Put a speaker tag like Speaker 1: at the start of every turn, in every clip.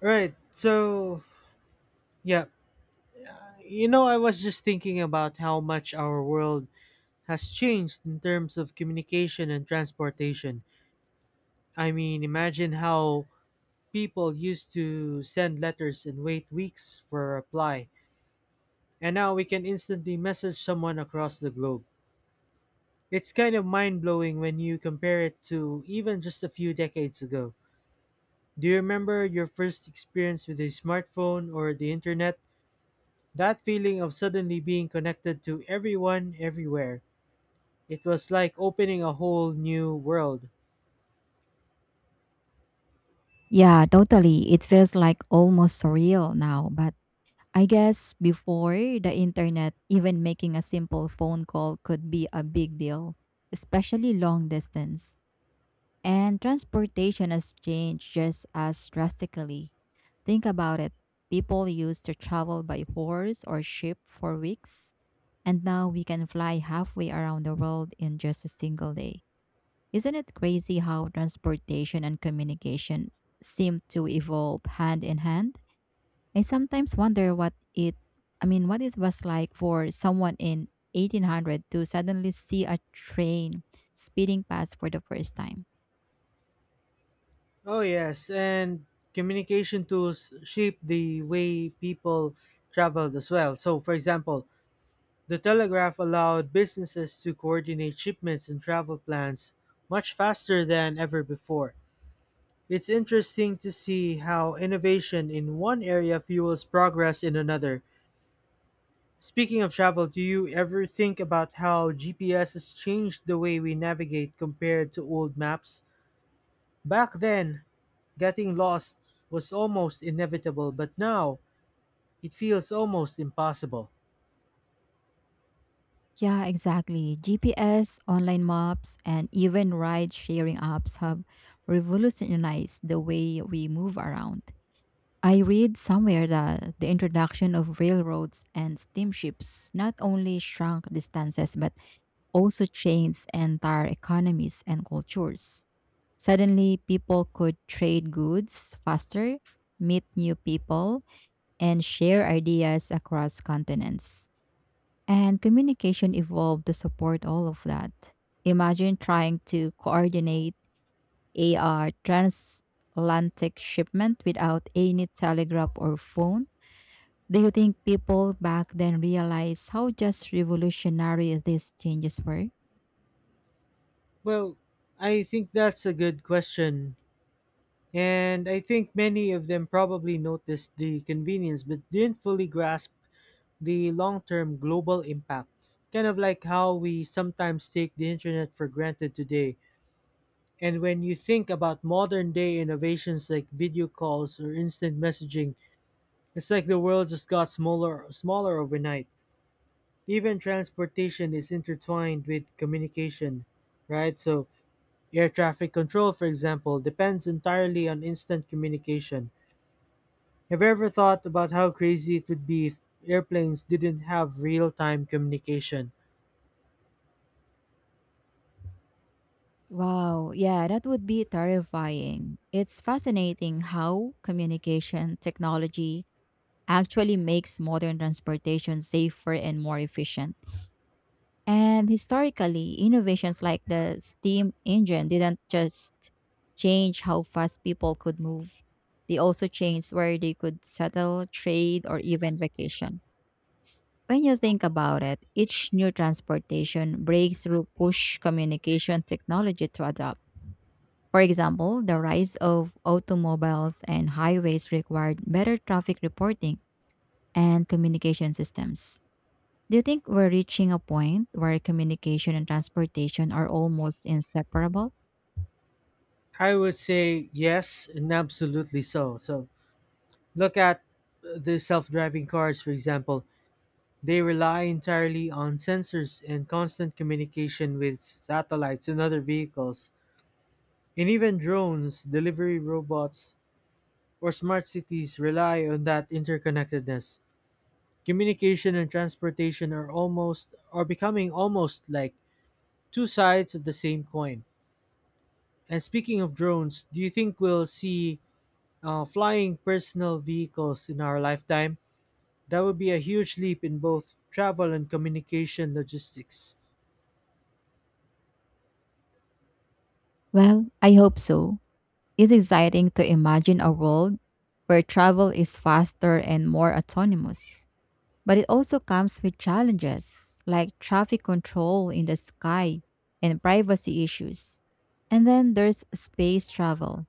Speaker 1: Right. So, yeah. I was just thinking about how much our world has changed in terms of communication and transportation. I mean, imagine how people used to send letters and wait weeks for a reply, and now we can instantly message someone across the globe. It's kind of mind blowing when you compare it to even just a few decades ago. Do you remember your first experience with a smartphone or the internet? That feeling of suddenly being connected to everyone everywhere. It was like opening a whole new world.
Speaker 2: Yeah, totally. It feels like almost surreal now, but I guess before the internet, even making a simple phone call could be a big deal, especially long distance. And transportation has changed just as drastically. Think about it. People used to travel by horse or ship for weeks, and now we can fly halfway around the world in just a single day. Isn't it crazy how transportation and communications seem to evolve hand in hand? I sometimes wonder what it I mean, what it was like for someone in 1800 to suddenly see a train speeding past for the first time.
Speaker 1: Oh, yes, and communication tools shape the way people traveled as well. So, for example, the telegraph allowed businesses to coordinate shipments and travel plans much faster than ever before. It's interesting to see how innovation in one area fuels progress in another. Speaking of travel, do you ever think about how GPS has changed the way we navigate compared to old maps? Back then, getting lost was almost inevitable, but now it feels almost impossible.
Speaker 2: Yeah, exactly. GPS, online maps, and even ride sharing apps have revolutionized the way we move around. I read somewhere that the introduction of railroads and steamships not only shrunk distances but also changed entire economies and cultures. Suddenly, people could trade goods faster, meet new people, and share ideas across continents. And communication evolved to support all of that. Imagine trying to coordinate AR transatlantic shipment without any telegraph or phone. Do you think people back then realized how just revolutionary these changes were?
Speaker 1: Well, I think that's a good question. And I think many of them probably noticed the convenience but didn't fully grasp the long term global impact. Kind of like how we sometimes take the internet for granted today. And when you think about modern day innovations like video calls or instant messaging, it's like the world just got smaller overnight. Even transportation is intertwined with communication, right? So air traffic control, for example, depends entirely on instant communication. Have you ever thought about how crazy it would be if airplanes didn't have real time communication?
Speaker 2: Wow, yeah, that would be terrifying. It's fascinating how communication technology actually makes modern transportation safer and more efficient. And historically, innovations like the steam engine didn't just change how fast people could move, they also changed where they could settle, trade, or even vacation. When you think about it, each new transportation breakthrough push communication technology to adopt. For example, the rise of automobiles and highways required better traffic reporting and communication systems. Do you think we're reaching a point where communication and transportation are almost inseparable?
Speaker 1: I would say yes, and absolutely so. So look at the self driving cars, for example. They rely entirely on sensors and constant communication with satellites and other vehicles. And even drones, delivery robots, or smart cities rely on that interconnectedness. Communication and transportation are becoming almost like two sides of the same coin. And speaking of drones, do you think we'll see flying personal vehicles in our lifetime? That would be a huge leap in both travel and communication logistics.
Speaker 2: Well, I hope so. It's exciting to imagine a world where travel is faster and more autonomous. But it also comes with challenges like traffic control in the sky and privacy issues. And then there's space travel.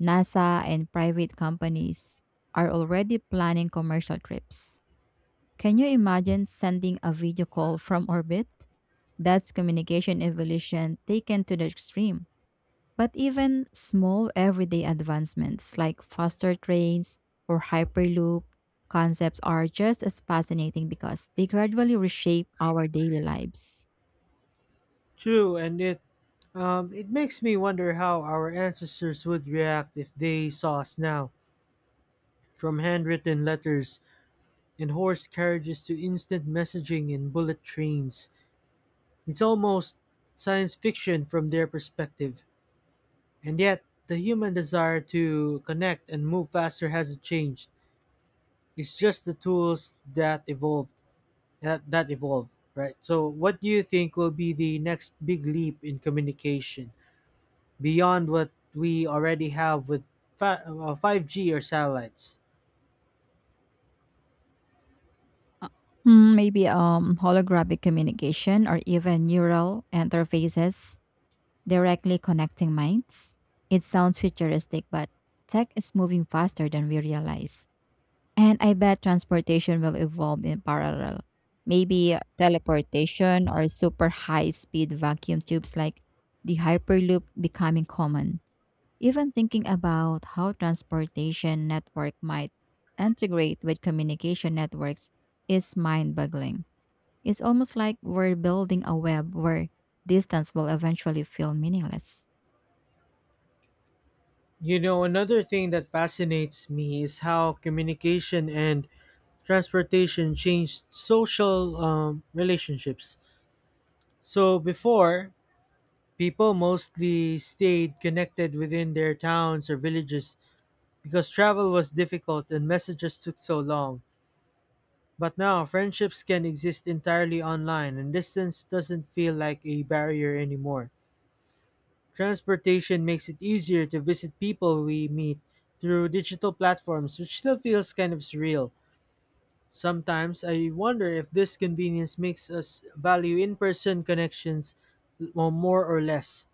Speaker 2: NASA and private companies are already planning commercial trips. Can you imagine sending a video call from orbit? That's communication evolution taken to the extreme. But even small everyday advancements like faster trains or Hyperloop concepts are just as fascinating because they gradually reshape our daily lives.
Speaker 1: True, and it makes me wonder how our ancestors would react if they saw us now, from handwritten letters and horse carriages to instant messaging and bullet trains. It's almost science fiction from their perspective. And yet, the human desire to connect and move faster hasn't changed. It's just the tools that evolve, right? So, what do you think will be the next big leap in communication? Beyond what we already have with 5G or satellites.
Speaker 2: Uh, Maybe holographic communication or even neural interfaces directly connecting minds. It sounds futuristic, but tech is moving faster than we realize. And I bet transportation will evolve in parallel. Maybe teleportation or super high speed vacuum tubes like the Hyperloop becoming common. Even thinking about how transportation network might integrate with communication networks is mind boggling. It's almost like we're building a web where distance will eventually feel meaningless.
Speaker 1: You know, another thing that fascinates me is how communication and transportation changed social relationships. So before, people mostly stayed connected within their towns or villages because travel was difficult and messages took so long. But now, friendships can exist entirely online, and distance doesn't feel like a barrier anymore. Transportation makes it easier to visit people we meet through digital platforms, which still feels kind of surreal. Sometimes I wonder if this convenience makes us value in person connections more or less.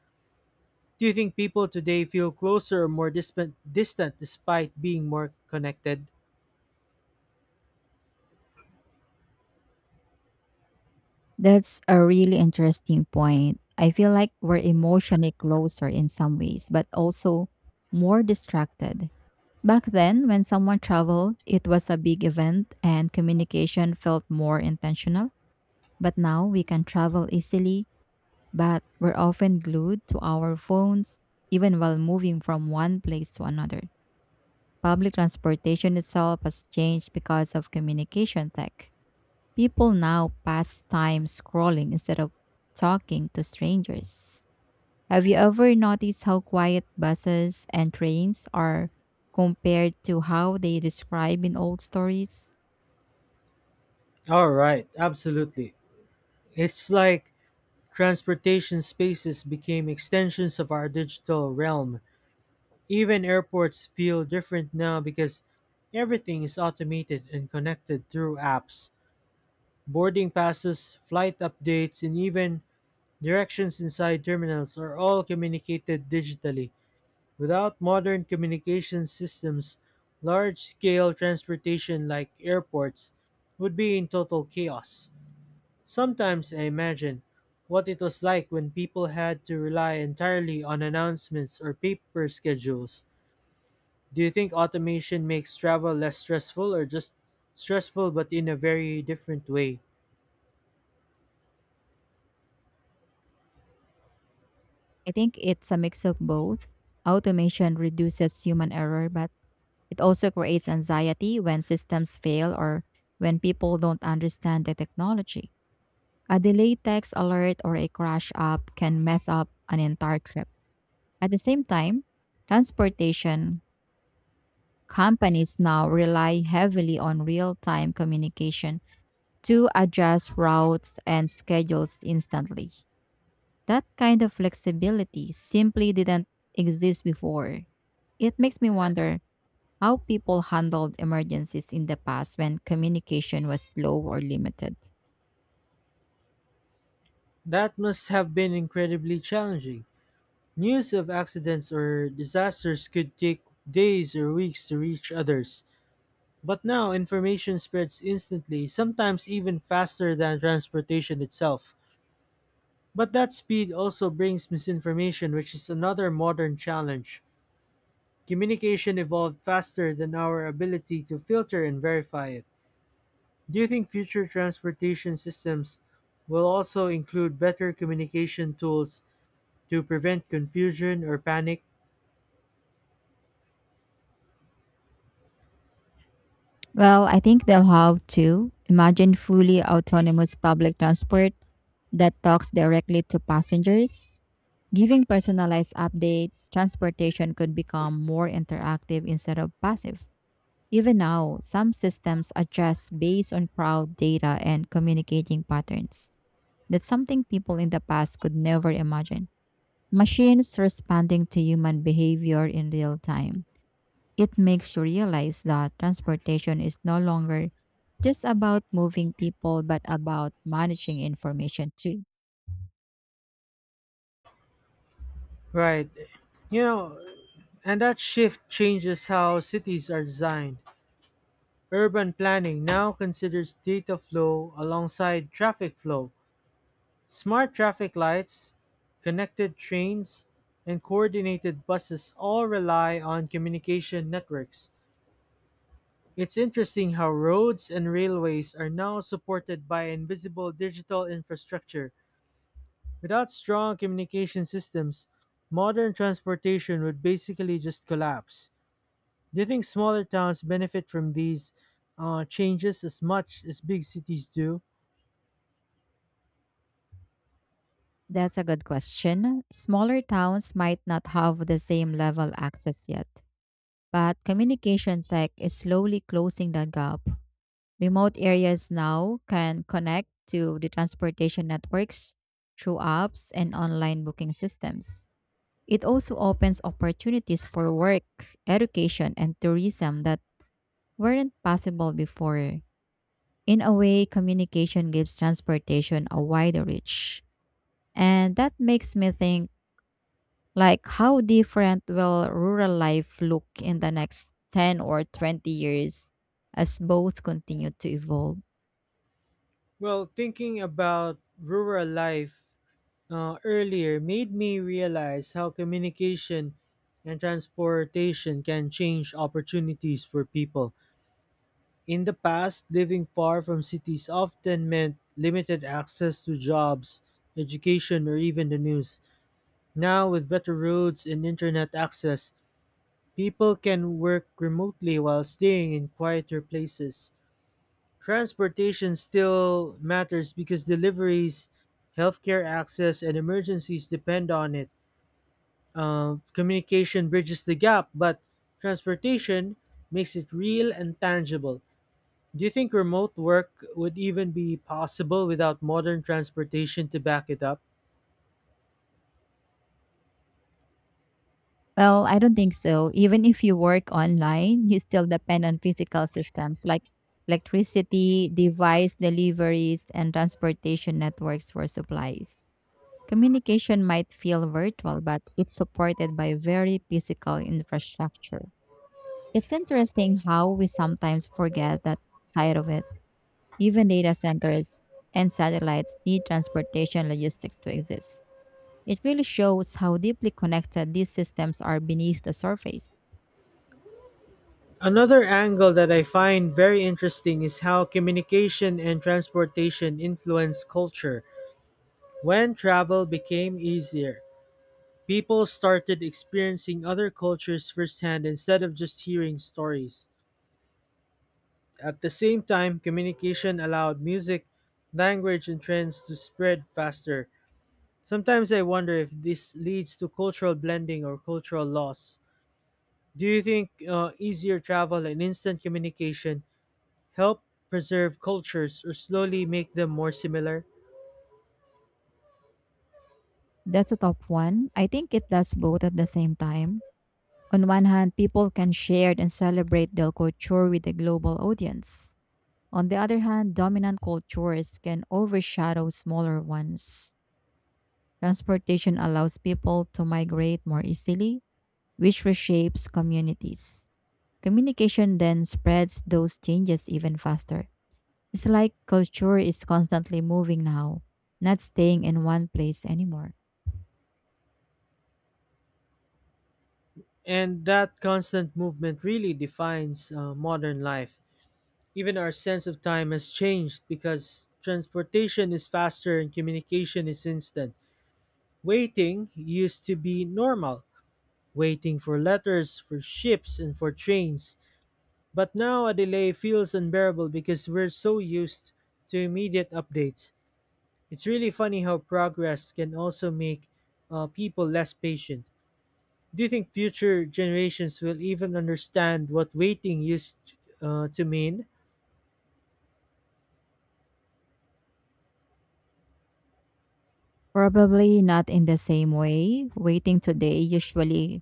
Speaker 1: Do you think people today feel closer or more distant despite being more connected?
Speaker 2: That's a really interesting point. I feel like we're emotionally closer in some ways, but also more distracted. Back then, when someone traveled, it was a big event and communication felt more intentional. But now we can travel easily, but we're often glued to our phones, even while moving from one place to another. Public transportation itself has changed because of communication tech. People now pass time scrolling instead of talking to strangers. Have you ever noticed how quiet buses and trains are compared to how they describe in old stories?
Speaker 1: All right, absolutely. It's like transportation spaces became extensions of our digital realm. Even airports feel different now because everything is automated and connected through apps. Boarding passes, flight updates, and even directions inside terminals are all communicated digitally. Without modern communication systems, large scale transportation like airports would be in total chaos. Sometimes I imagine what it was like when people had to rely entirely on announcements or paper schedules. Do you think automation makes travel less stressful or just stressful but in a very different way?
Speaker 2: I think it's a mix of both. Automation reduces human error, but it also creates anxiety when systems fail or when people don't understand the technology. A delayed text alert or a crash app can mess up an entire trip. At the same time, transportation companies now rely heavily on real time communication to adjust routes and schedules instantly. That kind of flexibility simply didn't exist before. It makes me wonder how people handled emergencies in the past when communication was slow or limited.
Speaker 1: That must have been incredibly challenging. News of accidents or disasters could take days or weeks to reach others. But now information spreads instantly, sometimes even faster than transportation itself. But that speed also brings misinformation, which is another modern challenge. Communication evolved faster than our ability to filter and verify it. Do you think future transportation systems will also include better communication tools to prevent confusion or panic?
Speaker 2: Well, I think they'll have to imagine fully autonomous public transport that talks directly to passengers. Giving personalized updates, transportation could become more interactive instead of passive. Even now, some systems adjust based on crowd data and communicating patterns. That's something people in the past could never imagine. Machines responding to human behavior in real time. It makes you realize that transportation is no longer just about moving people, but about managing information too.
Speaker 1: Right. You know, and that shift changes how cities are designed. Urban planning now considers data flow alongside traffic flow. Smart traffic lights, connected trains, and coordinated buses all rely on communication networks. It's interesting how roads and railways are now supported by invisible digital infrastructure. Without strong communication systems, modern transportation would basically just collapse. Do you think smaller towns benefit from these changes as much as big cities do?
Speaker 2: That's a good question. Smaller towns might not have the same level access yet, but communication tech is slowly closing that gap. Remote areas now can connect to the transportation networks through apps and online booking systems. It also opens opportunities for work, education, and tourism that weren't possible before. In a way, communication gives transportation a wider reach. And that makes me think, like, how different will rural life look in the next 10 or 20 years as both continue to evolve?
Speaker 1: Well, thinking about rural life earlier made me realize how communication and transportation can change opportunities for people. In the past, living far from cities often meant limited access to jobs, education, or even the news. Now, with better roads and internet access, people can work remotely while staying in quieter places. Transportation still matters because deliveries, healthcare access, and emergencies depend on it. Communication bridges the gap, but transportation makes it real and tangible. Do you think remote work would even be possible without modern transportation to back it up?
Speaker 2: Well, I don't think so. Even if you work online, you still depend on physical systems like electricity, device deliveries, and transportation networks for supplies. Communication might feel virtual, but it's supported by very physical infrastructure. It's interesting how we sometimes forget that side of it. Even data centers and satellites need transportation logistics to exist. It really shows how deeply connected these systems are beneath the surface.
Speaker 1: Another angle that I find very interesting is how communication and transportation influenced culture. When travel became easier, people started experiencing other cultures firsthand instead of just hearing stories. At the same time, communication allowed music, language, and trends to spread faster. Sometimes I wonder if this leads to cultural blending or cultural loss. Do you think easier travel and instant communication help preserve cultures or slowly make them more similar?
Speaker 2: That's a top one. I think it does both at the same time. On one hand, people can share and celebrate their culture with a global audience. On the other hand, dominant cultures can overshadow smaller ones. Transportation allows people to migrate more easily, which reshapes communities. Communication then spreads those changes even faster. It's like culture is constantly moving now, not staying in one place anymore.
Speaker 1: And that constant movement really defines modern life. Even our sense of time has changed because transportation is faster and communication is instant. Waiting used to be normal, waiting for letters, for ships, and for trains. But now a delay feels unbearable because we're so used to immediate updates. It's really funny how progress can also make people less patient. Do you think future generations will even understand what waiting used to mean?
Speaker 2: Probably not in the same way. Waiting today usually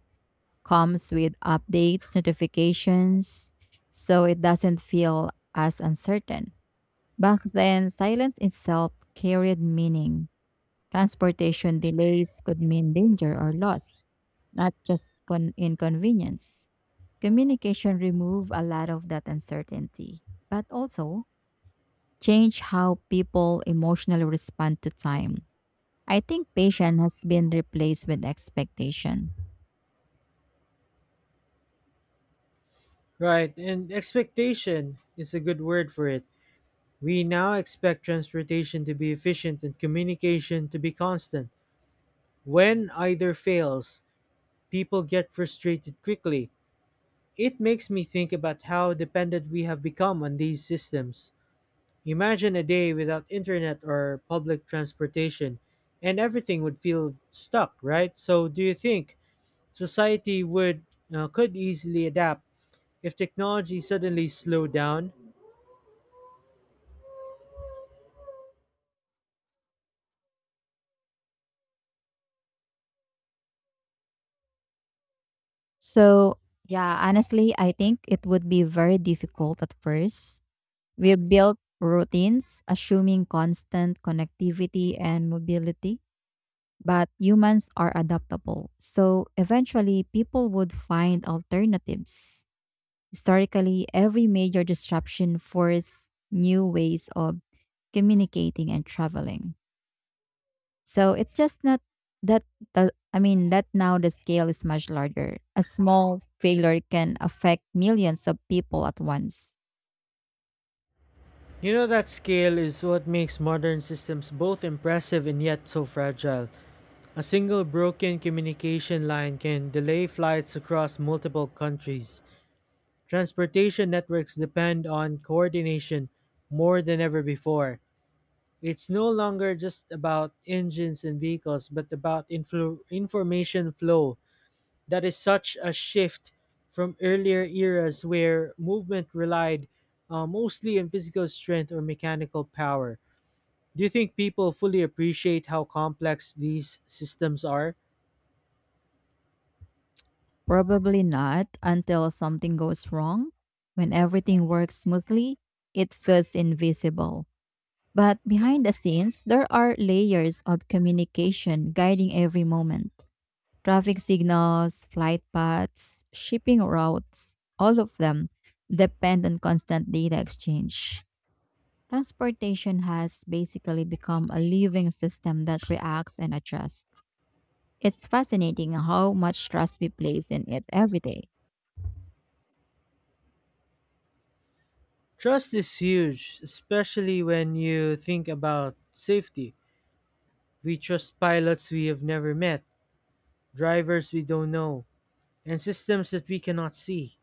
Speaker 2: comes with updates, notifications, so it doesn't feel as uncertain. Back then, silence itself carried meaning. Transportation delays could mean danger or loss, not just inconvenience. Communication remove a lot of that uncertainty, but also change how people emotionally respond to time. I think patience has been replaced with expectation.
Speaker 1: Right, and expectation is a good word for it. We now expect transportation to be efficient and communication to be constant. When either fails, people get frustrated quickly. It makes me think about how dependent we have become on these systems. Imagine a day without internet or public transportation, and everything would feel stuck, right? So, do you think society would could easily adapt if technology suddenly slowed down?
Speaker 2: So, yeah, honestly, I think it would be very difficult at first. We built routines assuming constant connectivity and mobility, but humans are adaptable. So eventually, people would find alternatives. Historically, every major disruption forced new ways of communicating and traveling. So it's just not that, I mean, that now the scale is much larger. A small failure can affect millions of people at once.
Speaker 1: You know that scale is what makes modern systems both impressive and yet so fragile. A single broken communication line can delay flights across multiple countries. Transportation networks depend on coordination more than ever before. It's no longer just about engines and vehicles, but about information flow. That is such a shift from earlier eras where movement relied mostly on physical strength or mechanical power. Do you think people fully appreciate how complex these systems are?
Speaker 2: Probably not until something goes wrong. When everything works smoothly, it feels invisible. But behind the scenes, there are layers of communication guiding every moment. Traffic signals, flight paths, shipping routes, all of them depend on constant data exchange. Transportation has basically become a living system that reacts and adjusts. It's fascinating how much trust we place in it every day.
Speaker 1: Trust is huge, especially when you think about safety. We trust pilots we have never met, drivers we don't know, and systems that we cannot see.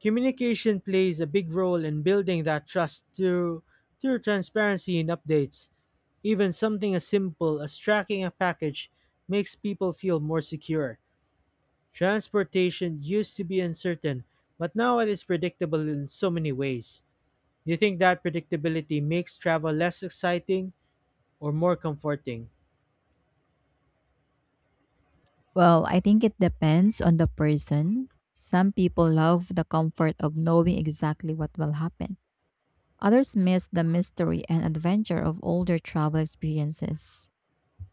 Speaker 1: Communication plays a big role in building that trust through transparency and updates. Even something as simple as tracking a package makes people feel more secure. Transportation used to be uncertain, but now it is predictable in so many ways. Do you think that predictability makes travel less exciting or more comforting?
Speaker 2: Well, I think it depends on the person. Some people love the comfort of knowing exactly what will happen. Others miss the mystery and adventure of older travel experiences.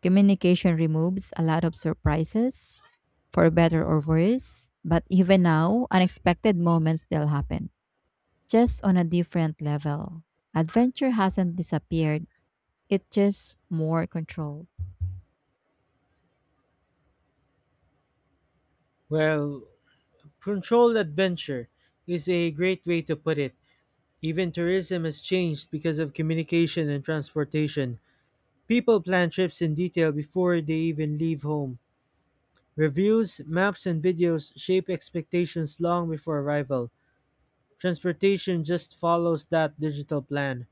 Speaker 2: Communication removes a lot of surprises, for better or worse, but even now, unexpected moments still happen, just on a different level. Adventure hasn't disappeared, it's just more controlled.
Speaker 1: Well, controlled adventure is a great way to put it. Even tourism has changed because of communication and transportation. People plan trips in detail before they even leave home. Reviews, maps, and videos shape expectations long before arrival. Transportation just follows that digital plan.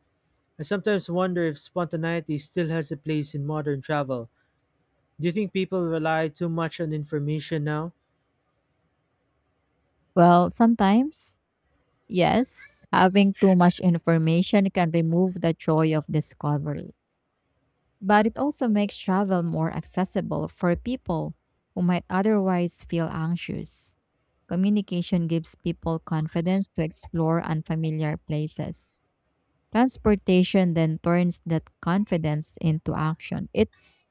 Speaker 1: I sometimes wonder if spontaneity still has a place in modern travel. Do you think people rely too much on information now?
Speaker 2: Well, sometimes, yes, having too much information can remove the joy of discovery, but it also makes travel more accessible for people who might otherwise feel anxious. Communication gives people confidence to explore unfamiliar places. Transportation then turns that confidence into action. It's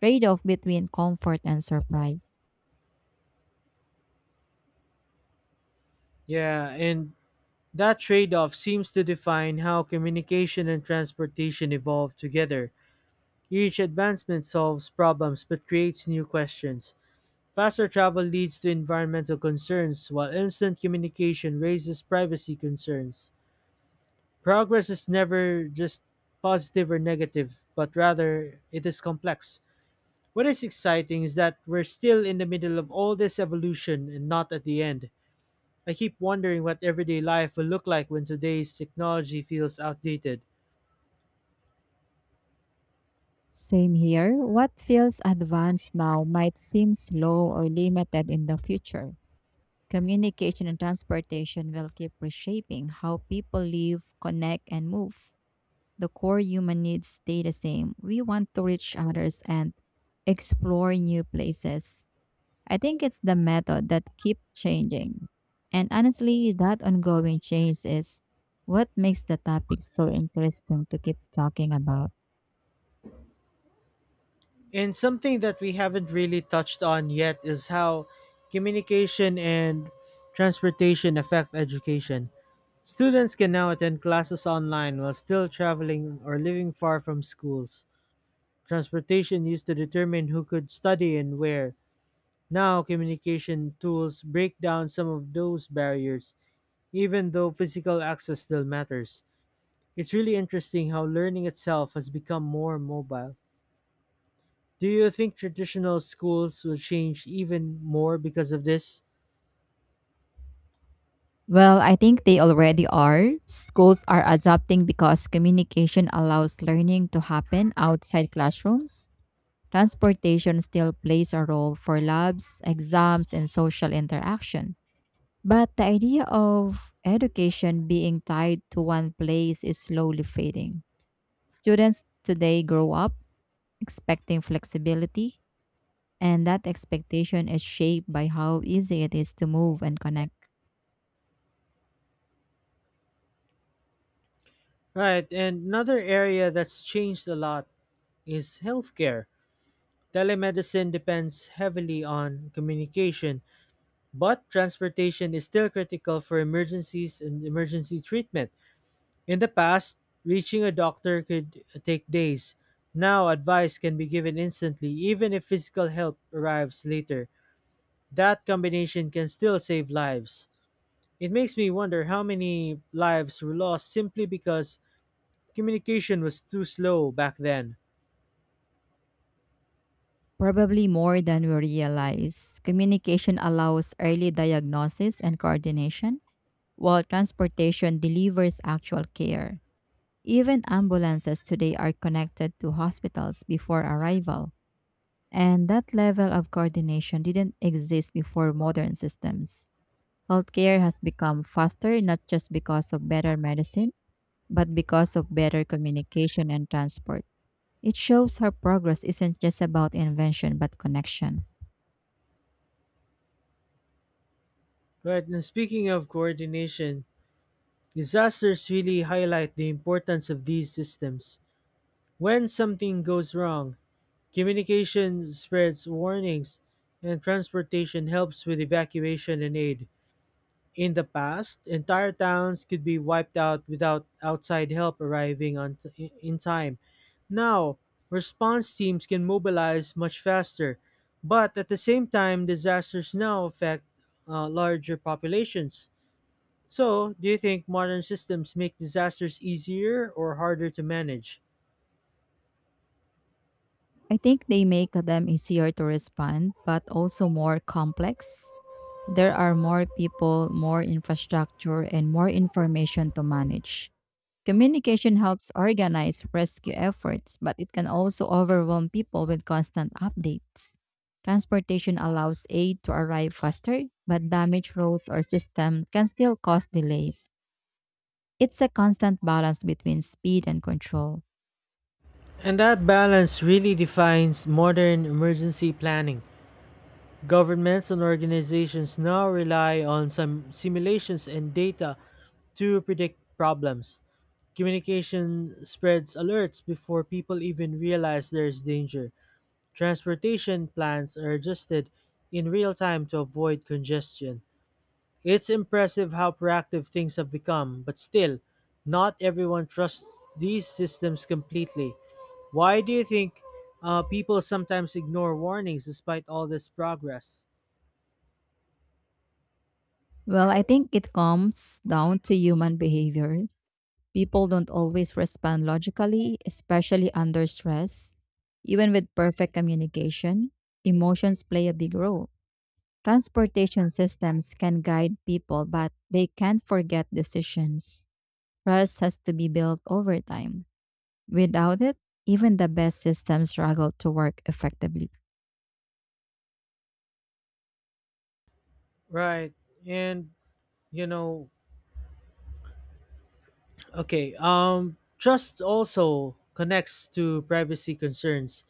Speaker 2: trade-off between comfort and surprise.
Speaker 1: Yeah, and that trade off seems to define how communication and transportation evolve together. Each advancement solves problems but creates new questions. Faster travel leads to environmental concerns, while instant communication raises privacy concerns. Progress is never just positive or negative, but rather it is complex. What is exciting is that we're still in the middle of all this evolution and not at the end. I keep wondering what everyday life will look like when today's technology feels outdated.
Speaker 2: Same here. What feels advanced now might seem slow or limited in the future. Communication and transportation will keep reshaping how people live, connect, and move. The core human needs stay the same. We want to reach others and explore new places. I think it's the method that keeps changing. And honestly, that ongoing change is what makes the topic so interesting to keep talking about.
Speaker 1: And something that we haven't really touched on yet is how communication and transportation affect education. Students can now attend classes online while still traveling or living far from schools. Transportation used to determine who could study and where. Now, communication tools break down some of those barriers, even though physical access still matters. It's really interesting how learning itself has become more mobile. Do you think traditional schools will change even more because of this?
Speaker 2: Well, I think they already are. Schools are adapting because communication allows learning to happen outside classrooms. Transportation still plays a role for labs, exams, and social interaction. But the idea of education being tied to one place is slowly fading. Students today grow up expecting flexibility, and that expectation is shaped by how easy it is to move and connect.
Speaker 1: Right, and another area that's changed a lot is healthcare. Telemedicine depends heavily on communication, but transportation is still critical for emergencies and emergency treatment. In the past, reaching a doctor could take days. Now, advice can be given instantly, even if physical help arrives later. That combination can still save lives. It makes me wonder how many lives were lost simply because communication was too slow back then.
Speaker 2: Probably more than we realize, communication allows early diagnosis and coordination, while transportation delivers actual care. Even ambulances today are connected to hospitals before arrival, and that level of coordination didn't exist before modern systems. Healthcare has become faster not just because of better medicine, but because of better communication and transport. It shows how progress isn't just about invention but connection.
Speaker 1: Right, and speaking of coordination, disasters really highlight the importance of these systems. When something goes wrong, communication spreads warnings and transportation helps with evacuation and aid. In the past, entire towns could be wiped out without outside help arriving in time. Now, response teams can mobilize much faster, but at the same time, disasters now affect larger populations. So, do you think modern systems make disasters easier or harder to manage?
Speaker 2: I think they make them easier to respond, but also more complex. There are more people, more infrastructure, and more information to manage. Communication helps organize rescue efforts, but it can also overwhelm people with constant updates. Transportation allows aid to arrive faster, but damaged roads or systems can still cause delays. It's a constant balance between speed and control.
Speaker 1: And that balance really defines modern emergency planning. Governments and organizations now rely on some simulations and data to predict problems. Communication spreads alerts before people even realize there's danger. Transportation plans are adjusted in real time to avoid congestion. It's impressive how proactive things have become, but still, not everyone trusts these systems completely. Why do you think people sometimes ignore warnings despite all this progress?
Speaker 2: Well, I think it comes down to human behavior. People don't always respond logically, especially under stress. Even with perfect communication, emotions play a big role. Transportation systems can guide people, but they can't forget decisions. Trust has to be built over time. Without it, even the best systems struggle to work effectively.
Speaker 1: Right. And, you know, okay, Trust also connects to privacy concerns.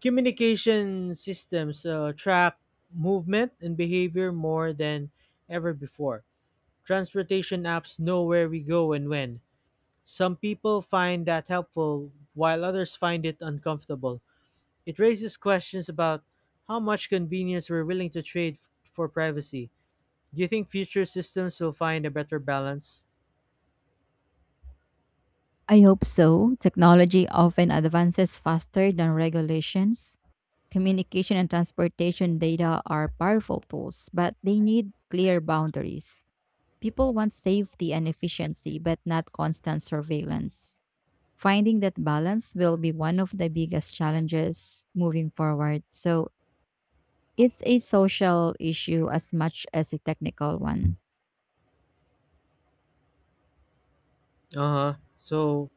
Speaker 1: Communication systems track movement and behavior more than ever before. Transportation apps know where we go and when. Some people find that helpful, while others find it uncomfortable. It raises questions about how much convenience we're willing to for privacy. Do you think future systems will find a better balance?
Speaker 2: I hope so. Technology often advances faster than regulations. Communication and transportation data are powerful tools, but they need clear boundaries. People want safety and efficiency, but not constant surveillance. Finding that balance will be one of the biggest challenges moving forward. So it's a social issue as much as a technical one.
Speaker 1: Uh huh. So,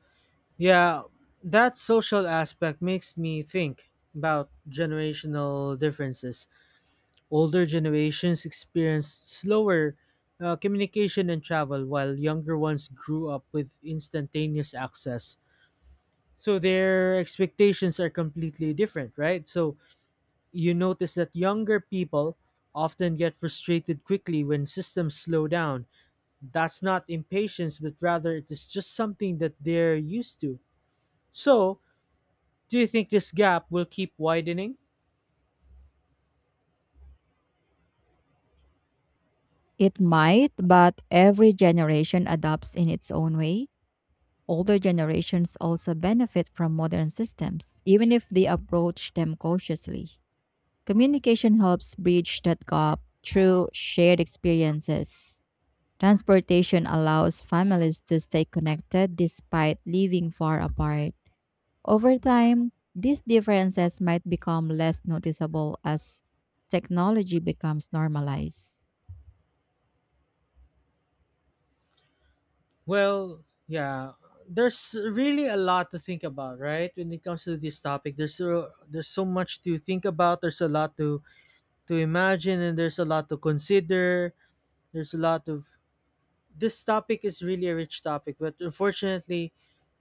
Speaker 1: yeah, that social aspect makes me think about generational differences. Older generations experienced slower communication and travel, while younger ones grew up with instantaneous access. So their expectations are completely different, right? So you notice that younger people often get frustrated quickly when systems slow down. That's not impatience, but rather it is just something that they're used to. So do you think this gap will keep widening?
Speaker 2: It might, but every generation adopts in its own way. Older generations also benefit from modern systems, even if they approach them cautiously. Communication helps bridge that gap through shared experiences. Transportation allows families to stay connected despite living far apart. Over time, these differences might become less noticeable as technology becomes normalized.
Speaker 1: Well yeah there's really a lot to think about, right? When it comes to this topic, there's so much to think about. There's a lot to imagine and there's a lot to consider. There's a lot of, this topic is really a rich topic, but unfortunately,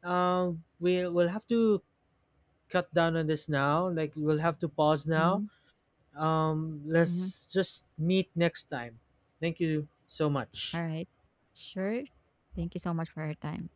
Speaker 1: we will have to cut down on this now. Like, we'll have to pause now.
Speaker 2: Mhm, mhm.
Speaker 1: Let's just meet next time. Thank you so
Speaker 2: All
Speaker 1: much.
Speaker 2: right. Sure. Thank you so much for your time.